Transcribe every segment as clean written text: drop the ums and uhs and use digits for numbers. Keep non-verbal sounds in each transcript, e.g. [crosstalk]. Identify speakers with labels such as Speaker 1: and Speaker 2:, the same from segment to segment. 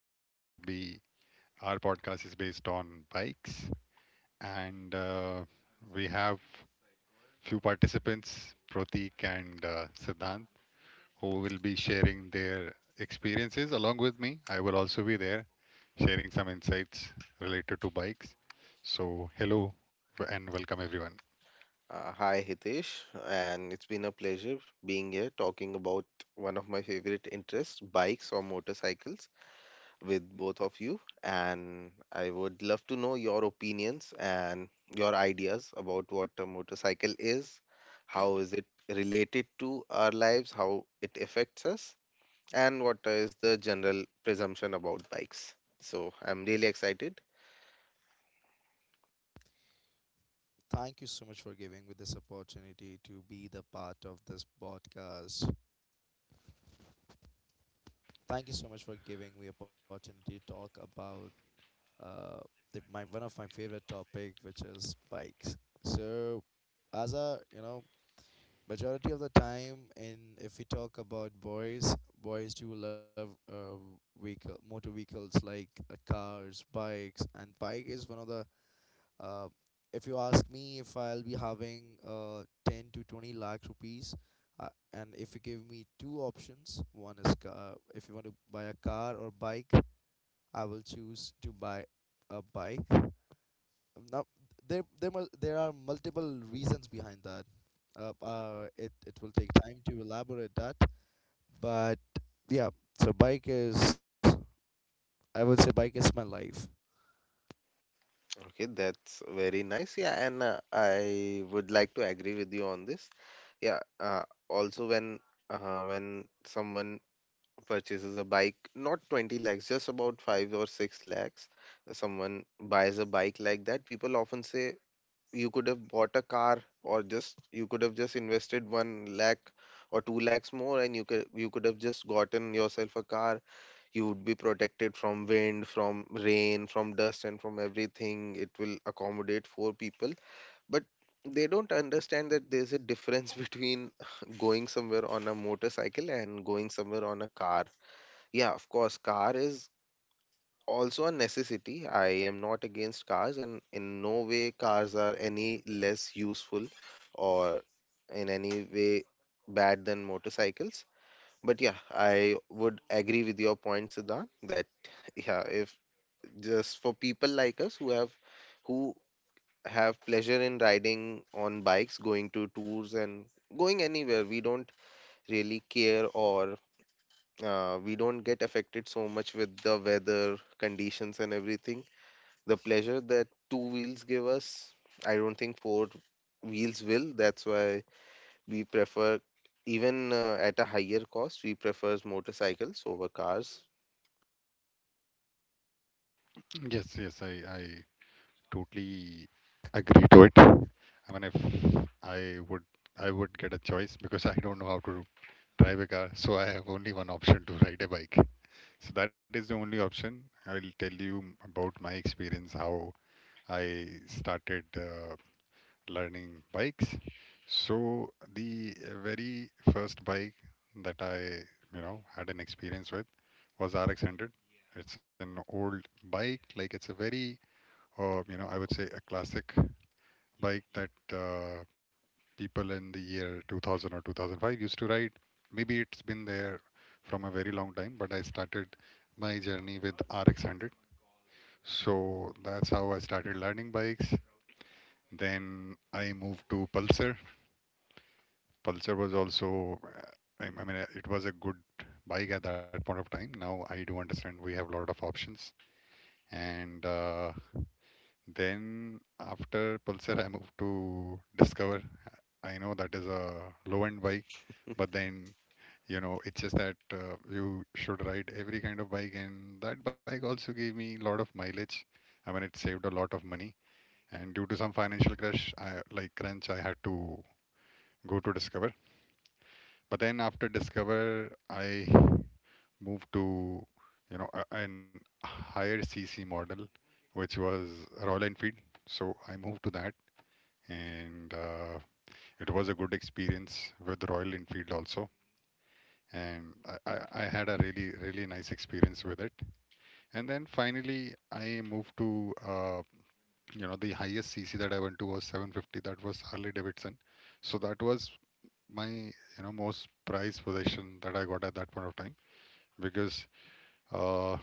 Speaker 1: Today we will be our podcast is based on bikes, and we have few participants, Pratik and Siddhant, who will be sharing their experiences along with me. I will also be there, sharing some insights related to bikes. So hello and welcome everyone.
Speaker 2: Hi Hitesh, and it's been a pleasure being here talking about one of my favorite interests, bikes or motorcycles, with both of you. And I would love to know your opinions and your ideas about what a motorcycle is, how is it related to our lives, how it affects us, and what is the general presumption about bikes. So I'm really excited.
Speaker 3: Thank you so much for giving me this opportunity to be the part of this podcast. Thank you so much for giving me opportunity to talk about uh, my one of my favorite topic, which is bikes. So, as a majority of the time, in if we talk about boys, boys do love vehicle motor vehicles like cars, bikes, and bike is one of the. Uh, if you ask me if I'll be having 10 to 20 lakh rupees, and if you give me two options, one is car, if you want to buy a car or bike, I will choose to buy a bike. Now, there are multiple reasons behind that. It will take time to elaborate that, but yeah, so bike is, I would say, bike is my life.
Speaker 2: Okay, that's very nice. Yeah, and I would like to agree with you on this. Yeah, also when someone purchases a bike, not 20 lakhs, just about 5 or 6 lakhs, someone buys a bike like that, people often say you could have bought a car, or just you could have just invested 1 lakh or 2 lakhs more and you could have just gotten yourself a car. You would be protected from wind, from rain, from dust, and from everything. It will accommodate four people. But they don't understand that there's a difference between [laughs] going somewhere on a motorcycle and going somewhere on a car. Yeah, of course car is also a necessity. I am not against cars, and in no way cars are any less useful or in any way bad than motorcycles. But yeah, I would agree with your point, Siddhant, that yeah, if just for people like us who have pleasure in riding on bikes, going to tours and going anywhere, we don't really care, or we don't get affected so much with the weather conditions and everything. The pleasure that two wheels give us, I don't think four wheels will. That's why we prefer, even at a higher cost, we prefers motorcycles over cars.
Speaker 1: [clears throat] Yes, I totally agree to it. I mean, if I would, I would get a choice because I don't know how to drive a car, so I have only one option to ride a bike. So that is the only option. I will tell you about my experience, how I started learning bikes. So the very first bike that I had an experience with was RX 100. It's an old bike, like it's a very, I would say a classic bike that people in the year 2000 or 2005 used to ride. Maybe it's been there from a very long time, but I started my journey with RX 100. So that's how I started learning bikes. Then I moved to Pulsar. Pulsar was also, I mean, it was a good bike at that point of time. Now I do understand we have a lot of options. And then after Pulsar, I moved to Discover. I know that is a low-end bike, but then you know it's just that you should ride every kind of bike, and that bike also gave me a lot of mileage. I mean, it saved a lot of money, and due to some financial crash, I like crunch, I had to go to Discover. But then after Discover, I moved to you know an higher CC model, which was Royal Enfield. So I moved to that, and it was a good experience with Royal Enfield also. And I had a really, really nice experience with it. And then finally, I moved to, you know, the highest CC that I went to was 750. That was Harley Davidson. So that was my, you know, most prized possession that I got at that point of time because uh,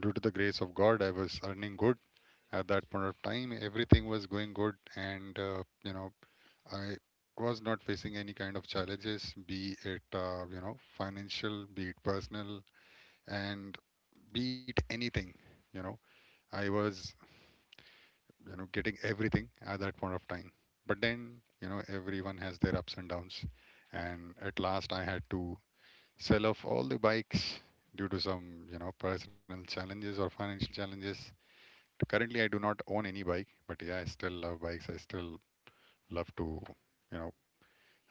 Speaker 1: due to the grace of God, I was earning good at that point of time. Everything was going good, and you know, I was not facing any kind of challenges, be it you know financial, be it personal, and be it anything. You know, I was you know getting everything at that point of time. But then you know everyone has their ups and downs, and at last I had to sell off all the bikes due to some you know personal challenges or financial challenges. Currently, I do not own any bike, but yeah, I still love bikes. I still love to you know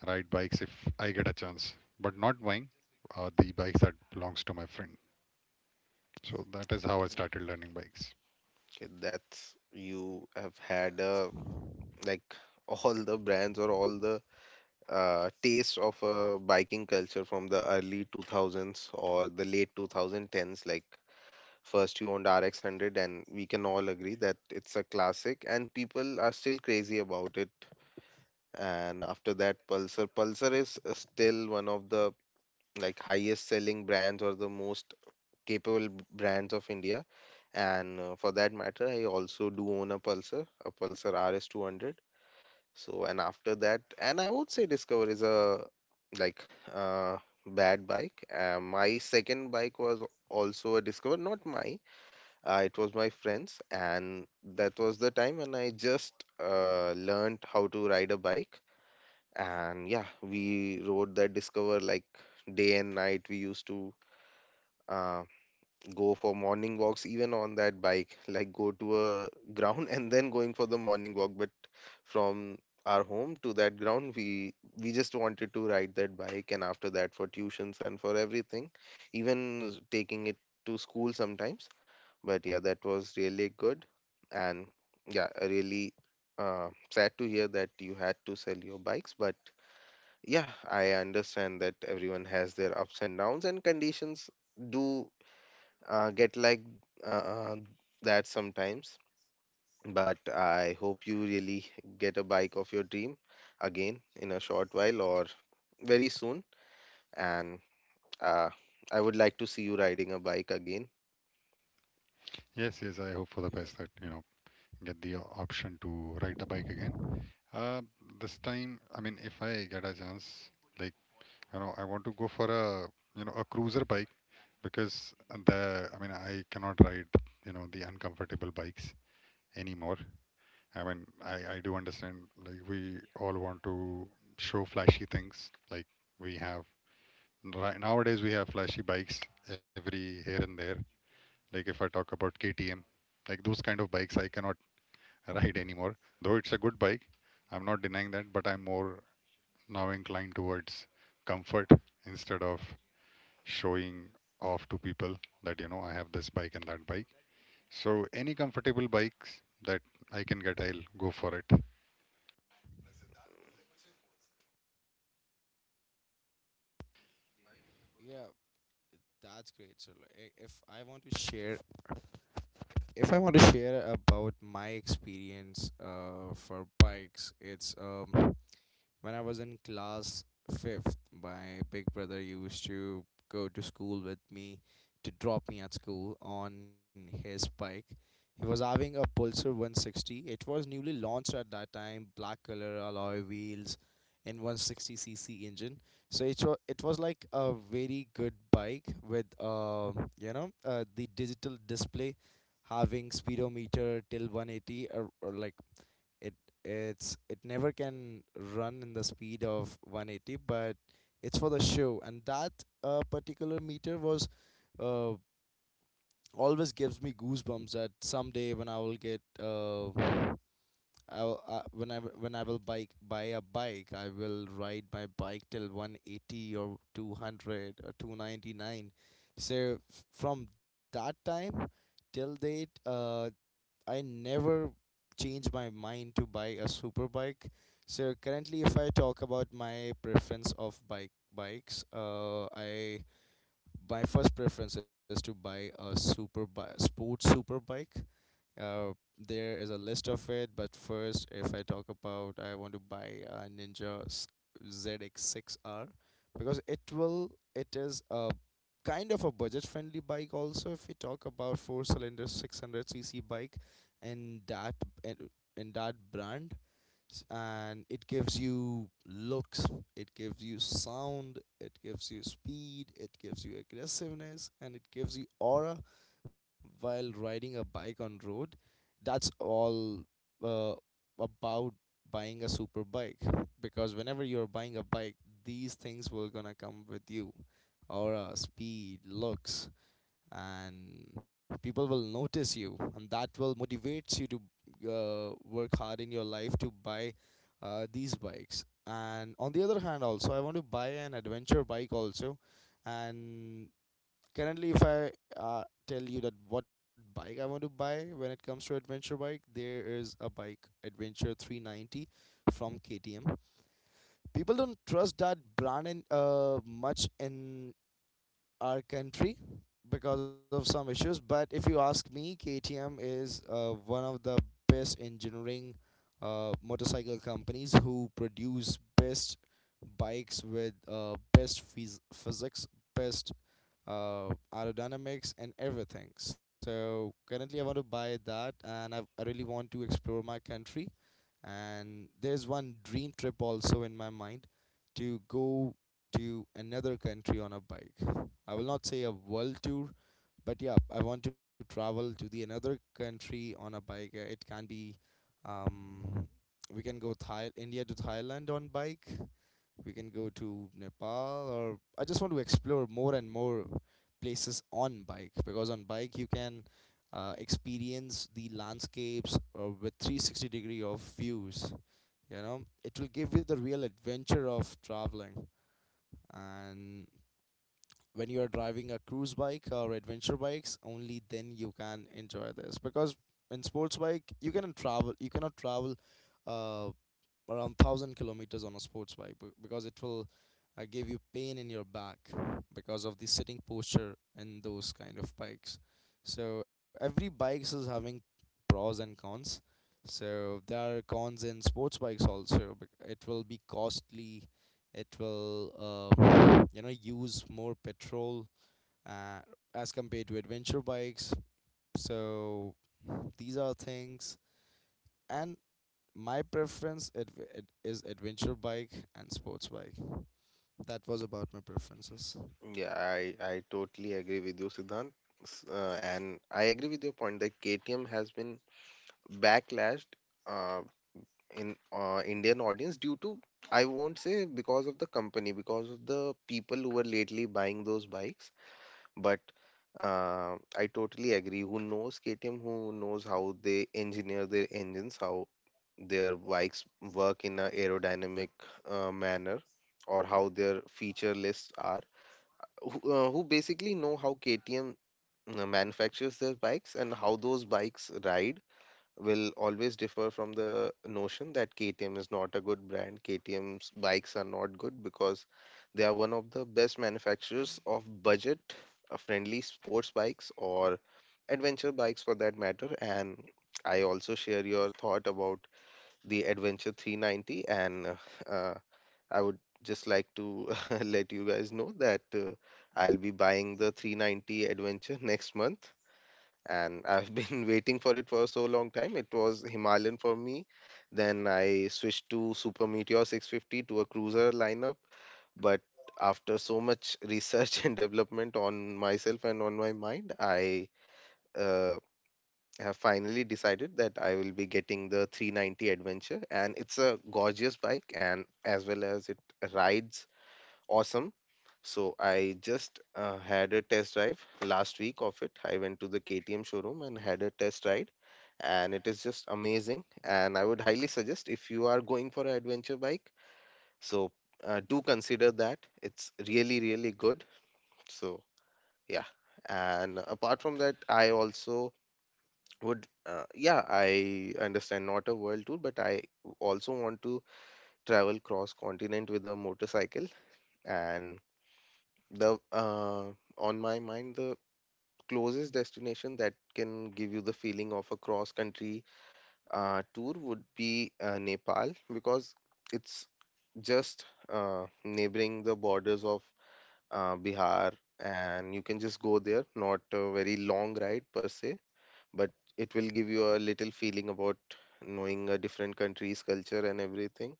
Speaker 1: ride bikes if I get a chance, but not buying the bikes that belongs to my friend. So that is how I started learning bikes.
Speaker 2: Okay, that's you have had like [laughs] all the brands or all the taste of biking culture from the early 2000s or the late 2010s. Like first you owned RX 100, and we can all agree that it's a classic, and people are still crazy about it. And after that, Pulsar. Pulsar is still one of the like highest selling brands or the most capable brands of India. And for that matter, I also do own a Pulsar RS200. So, and after that, and I would say Discover is a like uh, bad bike. My second bike was also a Discover, not my, it was my friend's. And that was the time when I just learned how to ride a bike. And yeah, we rode that Discover like day and night. We used to uh, go for morning walks even on that bike, like go to a [laughs] ground and then going for the morning walk. But from our home to that ground, we just wanted to ride that bike. And after that, for tuitions and for everything, even taking it to school sometimes. But yeah, that was really good. And yeah, I really sad to hear that you had to sell your bikes. But yeah, I understand that everyone has their ups and downs, and conditions do get like uh, uh, that sometimes. But I hope you really get a bike of your dream again in a short while or very soon. And uh, I would like to see you riding a bike again.
Speaker 1: Yes, yes. I hope for the best
Speaker 3: Yeah,
Speaker 1: that you know get the option to ride the bike again. Uh, this time, I mean, if I get a chance, like you know, I want to go for a you know a cruiser bike because the I mean I cannot ride you know the uncomfortable bikes anymore. I mean I do understand like we all want to show flashy things like we have right nowadays we have flashy bikes every here and there. Like if I talk about KTM, like those kind of bikes I cannot [laughs] ride anymore. Though it's a good bike, I'm not denying that, but I'm more now inclined towards comfort instead of showing off to people that you know I have this bike and that bike. So any comfortable bikes that I can get, I'll go for it. [laughs]
Speaker 3: yeah, that's great. So, like, I- if I want to share if I want to share about my experience for bikes, it's when I was in class fifth, my big brother used to go to school with me to drop me at school on his bike. He was having a Pulsar 160. It was newly launched at that time, black color alloy wheels and 160cc engine. So it was like a very good bike with the digital display having speedometer till 180 or like it it never can run in the speed of 180, but it's for the show. And that particular meter was uh, always gives me goosebumps that someday when I will get when I w- when I will bike buy a bike, I will ride my bike till 180 or 200 or 299. So from that time till date, I never change my mind to buy a super bike. So currently, if I talk about my preference of bikes, I my first preference is to buy a sports super bike. uh, there is a list of it, but first, if I talk about, I want to buy a Ninja ZX6R because it will, it is a kind of a budget-friendly bike. Also, if we talk about four-cylinder 600cc bike, and that and, and that brand. And it gives you looks, it gives you sound, it gives you speed, it gives you aggressiveness, and it gives you aura while riding a bike on road. That's all uh, about buying a super bike because whenever you're buying a bike, these things will gonna come with you: aura, speed, looks, and people will notice you, and that will motivates you to work hard in your life to buy these bikes. And on the other hand also, I want to buy an adventure bike also. And currently, if I tell you that what bike I want to buy when it comes to adventure bike, there is a bike Adventure 390 from KTM. People don't trust that brand in much in our country because of some issues. But if you ask me, KTM is one of the best engineering motorcycle companies who produce best bikes with best physics, best uh, aerodynamics, and everything. So currently, I want to buy that, and I really want to explore my country. And there's one dream trip also in my mind to go to another country on a bike. I will not say a world tour, but yeah, I want to travel to the another country on a bike. It can be um, we can go Thai India to Thailand on bike. We can go to Nepal, or I just want to explore more and more places on bike because on bike you can experience the landscapes with 360 degree of views. You know, it will give you the real adventure of traveling, and when you are driving a cruise bike or adventure bikes, only then you can enjoy this because in sports bike you cannot travel uh, around 1000 kilometers on a sports bike because it will give you pain in your back because of the sitting posture in those kind of bikes. So every bikes is having pros and cons. So there are cons in sports bikes also. It will be costly, it will use more petrol uh, as compared to adventure bikes. So these are things, and my preference is adventure bike and sports bike. That was about my preferences.
Speaker 2: Yeah, I totally agree with you, Siddhant. And I agree with your point that KTM has been backlashed uh, in Indian audience due to, I won't say because of the company, because of the people who were lately buying those bikes. But I totally agree. Who knows KTM? Who knows how they engineer their engines, how their bikes work in a aerodynamic manner, or how their feature lists are? Who basically know how KTM manufactures their bikes and how those bikes ride will always differ from the notion that KTM is not a good brand. KTM's bikes are not good because they are one of the best manufacturers of budget friendly sports bikes or adventure bikes for that matter. And I also share your thought about the Adventure 390. And uh, I would just like to [laughs] let you guys know that I'll be buying the 390 Adventure [laughs] next month, and I've been [laughs] waiting for it for so long time. It was Himalayan for me. Then I switched to Super Meteor 650 to a cruiser lineup. But after so much [laughs] research and development on myself and on my mind, I uh, have finally decided that I will be getting the 390 Adventure. And it's a gorgeous bike, and as well as it rides awesome. So I just had a test drive last week of it. I went to the KTM showroom and had a test ride, and it is just amazing. And I would highly suggest if you are going for an adventure bike, so do consider that. It's really, really good. So yeah. And apart from that, I also would, yeah, I understand not a world tour, but I also want to travel cross continent with a motorcycle, and the on my mind, the closest destination that can give you the feeling of a cross country tour would be Nepal because it's just neighboring the borders of Bihar, and you can just go there. Not a very long ride per se, but it will give you a little feeling about knowing a different country's culture and everything.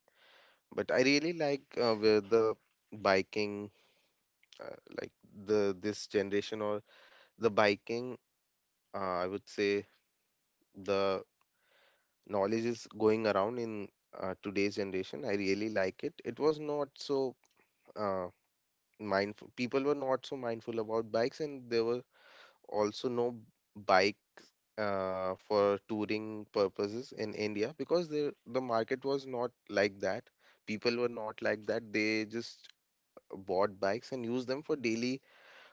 Speaker 2: But I really like where the biking, like the this generation or the biking, I would say the knowledge is going around in today's generation. I really like it. It was not so uh, mindful. People were not so mindful about bikes, and there were also no bike for touring purposes in India because the market was not like that. People were not like that. They just bought bikes and used them for daily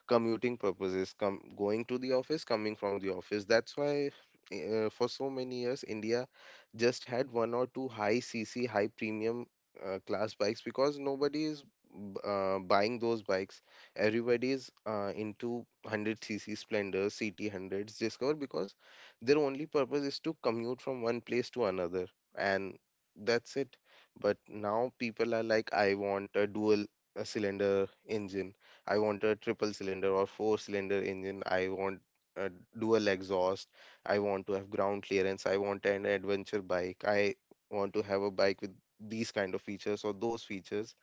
Speaker 2: commuting purposes, come going to the office, coming from the office. That's why for so many years, India just had one or two high cc, high premium class bikes because nobody is buying those bikes. Everybody is into 100cc splendors, ct 100s, discover because their only purpose is to commute from one place to another, and that's it. But now people are like, I want a dual cylinder engine. I want a triple cylinder or four-cylinder engine. I want a dual exhaust. I want to have ground clearance. I want an adventure bike. I want to have a bike with these kind of features or those features.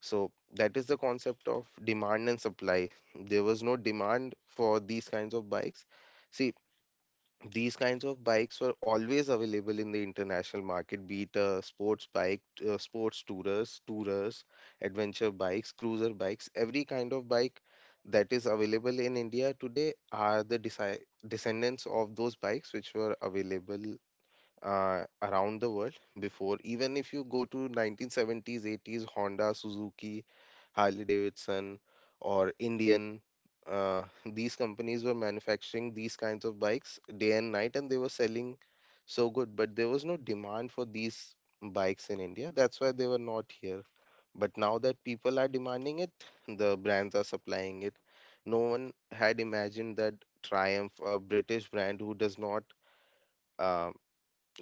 Speaker 2: So that is the concept of demand and supply. There was no demand for these kinds of bikes. See, these kinds of bikes were always available in the international market, be it sports bike, sports tourers, tourers, adventure bikes, cruiser bikes. Every kind of bike that is available in India today are the descendants of those bikes which were available around the world before. Even if you go to 1970s, 80s, Honda, Suzuki, Harley Davidson, or Indian, [laughs] these companies were manufacturing these kinds of bikes day and night, and they were selling so good. But there was no demand for these bikes in India. That's why they were not here. But now that people are demanding it, [laughs] the brands are supplying it. No one had imagined that Triumph, a British brand who does not uh,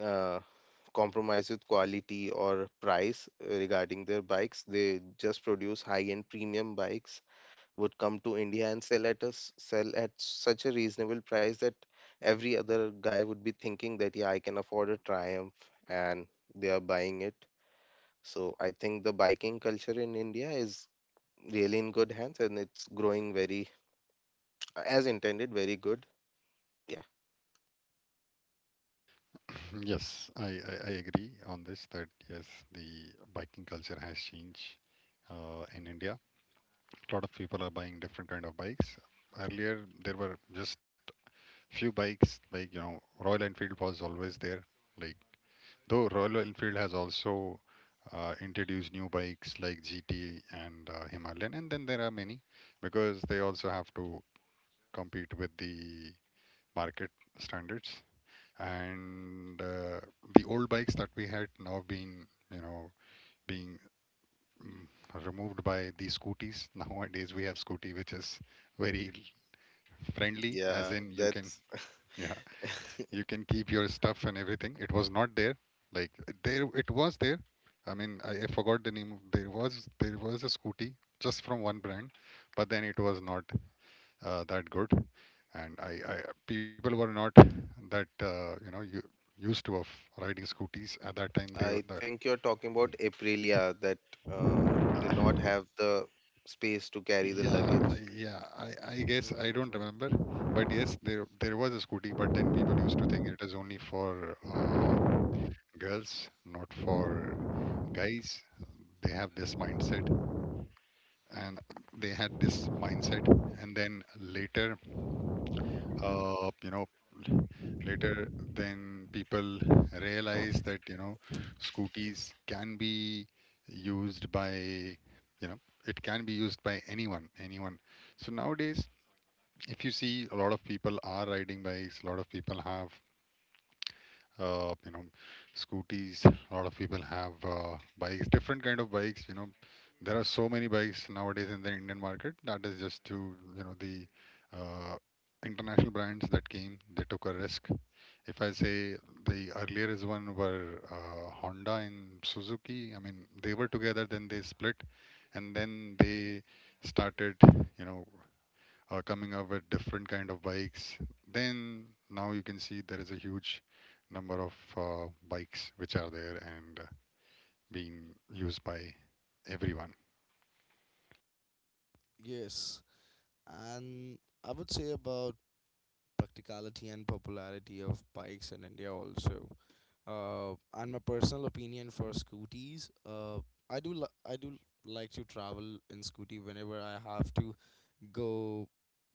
Speaker 2: uh, compromise with quality or price regarding their bikes. They just produce high-end premium bikes, would come to India and sell at us sell at such a reasonable price that every other guy would be thinking that yeah, I can afford a Triumph, and they are buying it. So I think the biking culture in India is really in good hands, and it's growing very, as intended, very good. Yeah.
Speaker 1: [clears throat] Yes, I agree on this that yes, the biking culture has changed in India. Lot of people are buying different kind of bikes. Earlier, there were just few bikes, like you know, Royal Enfield was always there. Like though Royal Enfield has also introduced new bikes like GT and Himalayan, and then there are many because they also have to compete with the market standards. And the old bikes that we had now been, you know, being removed by the scooties. [laughs] Nowadays, we have scooty, which is very friendly as
Speaker 2: Yeah,
Speaker 1: in you can
Speaker 2: that's
Speaker 1: yeah
Speaker 2: [laughs]
Speaker 1: you can keep your stuff and everything. It was not there like there it was there. I mean I forgot the name of- there was a scooty just from one brand but then it was not that good. And I people were not that you know you, used to of riding scooties at that time they
Speaker 2: I
Speaker 1: were the,
Speaker 2: think you're talking about Aprilia that did
Speaker 1: uh,
Speaker 2: not have the space to carry the
Speaker 1: yeah,
Speaker 2: luggage.
Speaker 1: yeah. I guess I
Speaker 3: Right,
Speaker 1: don't
Speaker 3: right.
Speaker 1: remember, but yes, there was a scooty. But then people used to think it is only for girls, not for guys. They have this mindset, and they had this mindset, and then later, you know, later then people realize that you know, scooties can be used by, you know, it can be used by anyone, anyone. So nowadays, if you see, a lot of people are riding bikes. A lot of people have you know scooties. A lot of people have bikes different kind of bikes you know there are so many bikes nowadays in the Indian market that is just to you know the uh, international brands that came they took a risk. If I say the earlier is one were Honda and Suzuki. I mean they were together then they split and then they started you know coming up with different kind of bikes. Then now you can see there is a huge number of bikes which are there and being used by everyone.
Speaker 3: Yes. And I would say about practicality and popularity of bikes in India also. Uh, and my personal opinion for scooties, I do like to travel in scooty whenever I have to go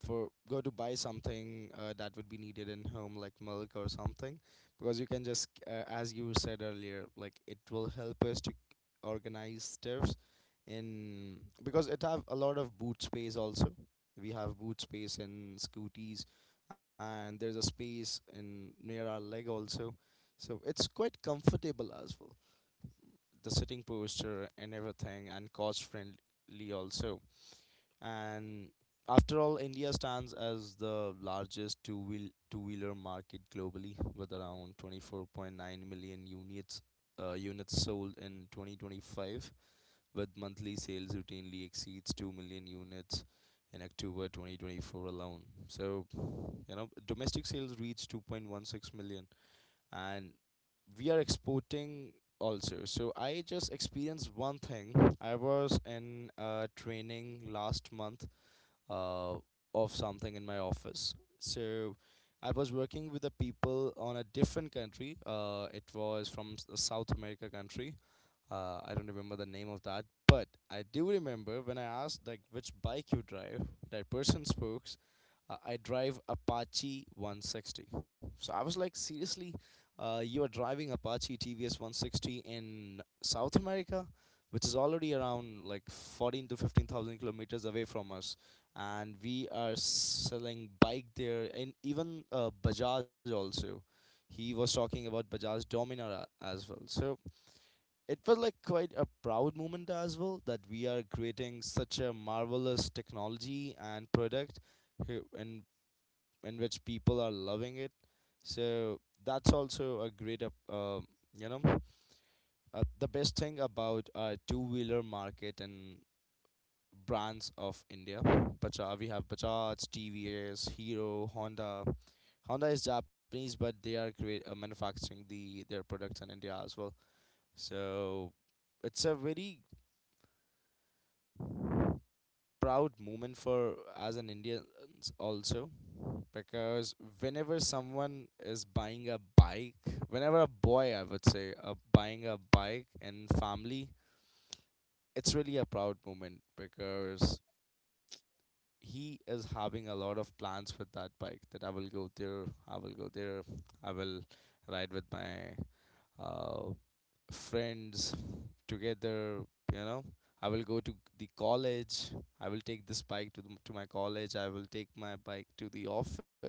Speaker 3: go to buy something that would be needed in home like milk or something because you can just as you said earlier, like it will help us to organize stuffs in because it have a lot of boot space also. We have boot space in scooties, and there's a space in near our leg also, so it's quite comfortable as well, the sitting posture and everything, and cost friendly also. And after all, India stands as the largest two wheeler market globally, with around 24.9 million units sold in 2025, with monthly sales routinely exceeds 2 million units in October 2024 alone. So, you know, domestic sales reached 2.16 million, and we are exporting also. So I just experienced one thing. I was in training last month uh, of something in my office. So I was working with the people on a different country. It was from a South America country. I don't remember the name of that, but I do remember when I asked like which bike you drive. That person spoke. I drive Apache 160. So I was like, seriously, you are driving Apache TVS 160 in South America, which is already around like 14 to 15,000 kilometers away from us, and we are selling bike there, and even Bajaj also. He was talking about Bajaj Dominara as well. So it felt like quite a proud moment as well that we are creating such a marvelous technology and product who- in, in which people are loving it. So that's also a great, you know, the best thing about our two wheeler market and brands of India. Bajaj, we have Bajaj, TVS, Hero, Honda. Honda is Japanese, but they are manufacturing their products in India as well. So it's a very proud moment for as an Indian also because whenever someone is buying a bike, whenever a boy, I would say, buying a bike in family, it's really a proud moment because he is having a lot of plans with that bike that I will go there, I will go there, I will ride with my uh, friends together. You know, I will go to the college, I will take this bike to my college, I will take my bike to the office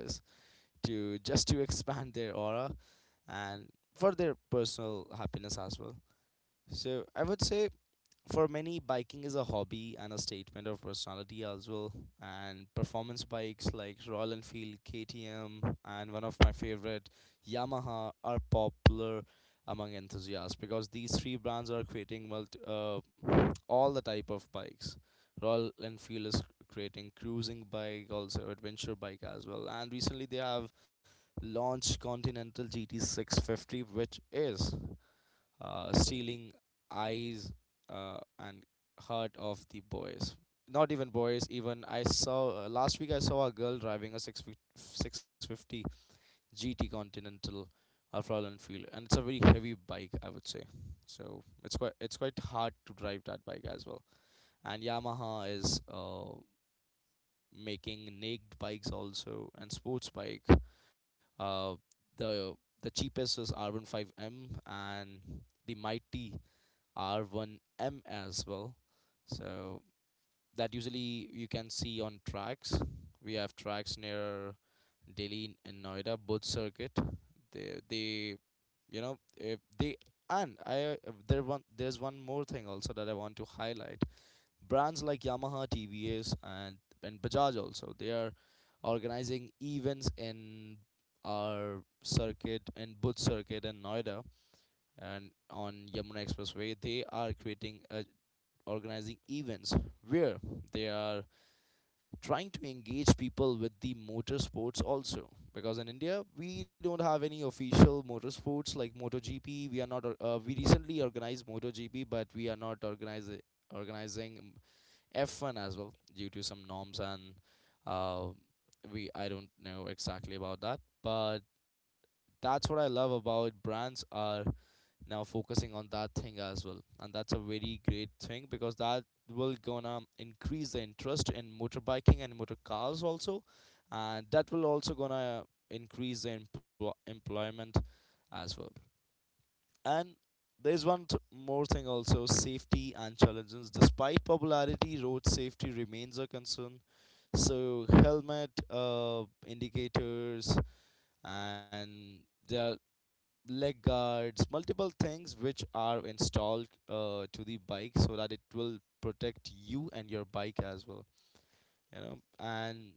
Speaker 3: to just to expand their aura and for their personal happiness as well. So I would say for many, biking is a hobby and a statement of personality as well. And performance bikes like Royal Enfield, KTM, and one of my favorite Yamaha are popular among enthusiasts because these three brands are creating all the type of bikes. Royal Enfield is creating cruising bike, also adventure bike as well. And recently they have launched Continental GT 650, which is stealing eyes and heart of the boys. Not even boys. Even I saw last week. I saw a girl driving a six six fifty GT Continental of Royal Enfield, and it's a very heavy bike, I would say. So it's quite hard to drive that bike as well. And Yamaha is making naked bikes also and sports bike. Uh, the the cheapest is R15M and the mighty R1M as well. So that usually you can see on tracks. We have tracks near Delhi and Noida, both circuit. They you know if they and I There's one more thing also that I want to highlight. Brands like Yamaha, TVS, and Bajaj also, they are organizing events in our circuit in Bhuj circuit in Noida and on Yamuna Expressway. They are creating a organizing events where they are trying to engage people with the motorsports also because in India we don't have any official motorsports like MotoGP. We are not. We recently organized MotoGP, but we are not organize organizing F1 as well due to some norms, and uh, we I don't know exactly about that, but that's what I love about brands are now focusing on that thing as well, and that's a very great thing because that will gonna increase the interest in motorbiking and motor cars also, and that will also gonna increase the employment as well. And there's one more thing also, safety and challenges. Despite popularity, road safety remains a concern. So, helmet, indicators, and the leg guards, multiple things which are installed to the bike so that it will protect you and your bike as well. You know, and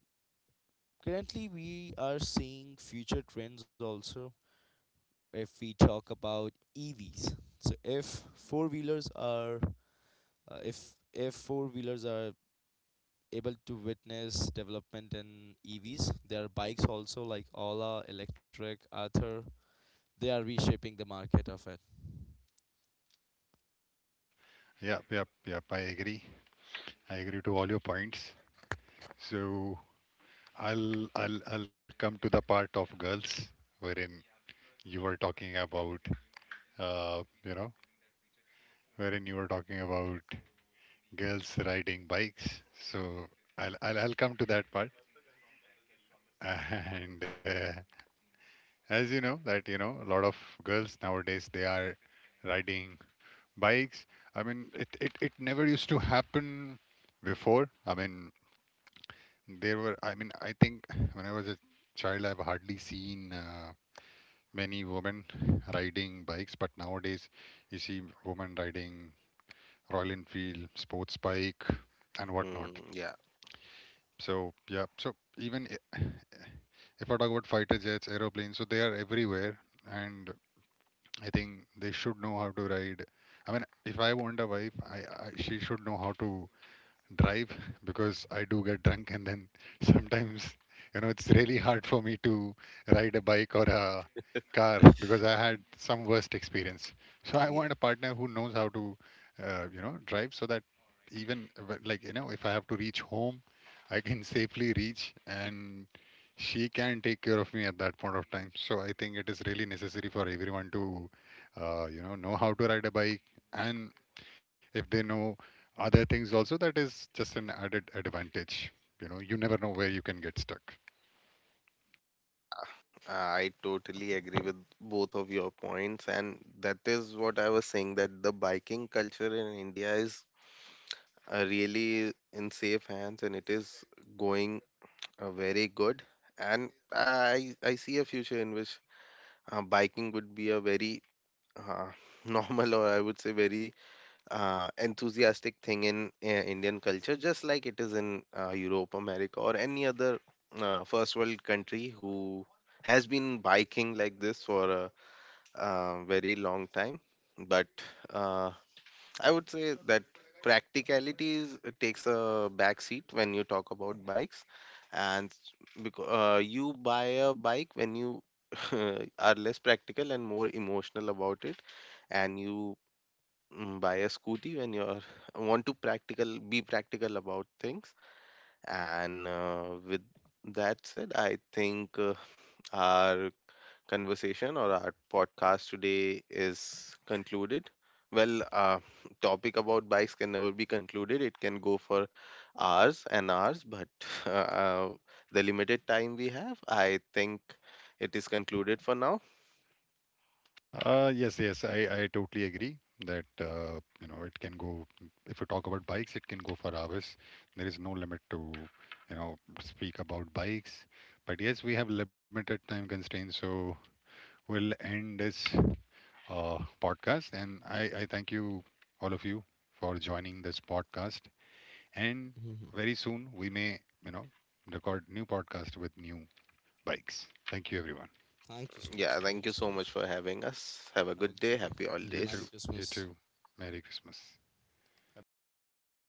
Speaker 3: currently we are seeing future trends also if we talk about EVs. So, if four wheelers are able to witness development in EVs, their bikes also like Ola, Electric, Arthur, they are reshaping the market of it.
Speaker 1: Yep, yep, yep. I agree. I agree to all your points. So I'll come to the part of girls wherein you were talking about you know wherein you were talking about girls riding bikes. So I'll come to that part [laughs] and. As you know that you know a lot of girls nowadays they are riding bikes. I mean it it never used to happen before. I mean there were I mean I think when I was a child I've hardly seen many women riding bikes but nowadays you see women riding Royal Enfield sports bike and
Speaker 2: Hmm,
Speaker 1: whatnot.
Speaker 2: yeah,
Speaker 1: So yeah so even if I talk about fighter jets aeroplanes so they are everywhere and I think they should know how to ride. I mean, if I want a wife, I she should know how to drive because I do get drunk and then [laughs] sometimes you know it's really hard for me to ride a bike or a car because I had some worst experience. So I
Speaker 2: yeah,
Speaker 1: want a partner who knows how to you know drive so that even like you know if I have to reach home, I can [laughs] safely reach and she can take care of me at that point of time. So I think it is really necessary for everyone to you know how to ride a bike and if they know other things also that is just an added advantage. You know you never know where you can get stuck.
Speaker 2: I totally agree with both of your points, and that is what I was saying that the biking culture in India is really in safe hands, and it is going very good. And I see a future in which biking would be a very uh, [laughs] normal, or I would say very enthusiastic thing in Indian culture, just like it is in Europe, America, or any other first world country who has been biking like this for a very long time. But uh, I would say that practicality is, it takes a back seat when you talk about bikes, and because you buy a bike when you [laughs] are less practical and more emotional about it, and you buy a scooty when you're [laughs] want to practical be practical about things. And with that said, I think our conversation or our podcast today is concluded. Well, topic about bikes can never be concluded. It can go for hours and hours, but [laughs] uh, the limited time we have, I think it is concluded for now.
Speaker 1: Yes, yes, I totally agree that you know it can go if you talk about bikes it can go for hours. There is no limit to you know speak about bikes but yes we have limited time constraints so we'll end this podcast and I thank you all of you for joining this podcast and
Speaker 3: Hmm.
Speaker 1: very soon we may you know record new podcast with new bikes. Thank you everyone.
Speaker 3: Thank you so
Speaker 2: Yeah,
Speaker 3: much.
Speaker 2: thank you
Speaker 3: Thank you
Speaker 2: so
Speaker 3: so
Speaker 2: much
Speaker 3: much.
Speaker 2: for having us. Have a good
Speaker 3: Have a
Speaker 2: day.
Speaker 3: great
Speaker 2: Happy
Speaker 3: day.
Speaker 1: you
Speaker 2: holidays.
Speaker 3: Merry
Speaker 1: too you
Speaker 3: Christmas.
Speaker 1: too Merry Christmas.
Speaker 3: Happy Diwali.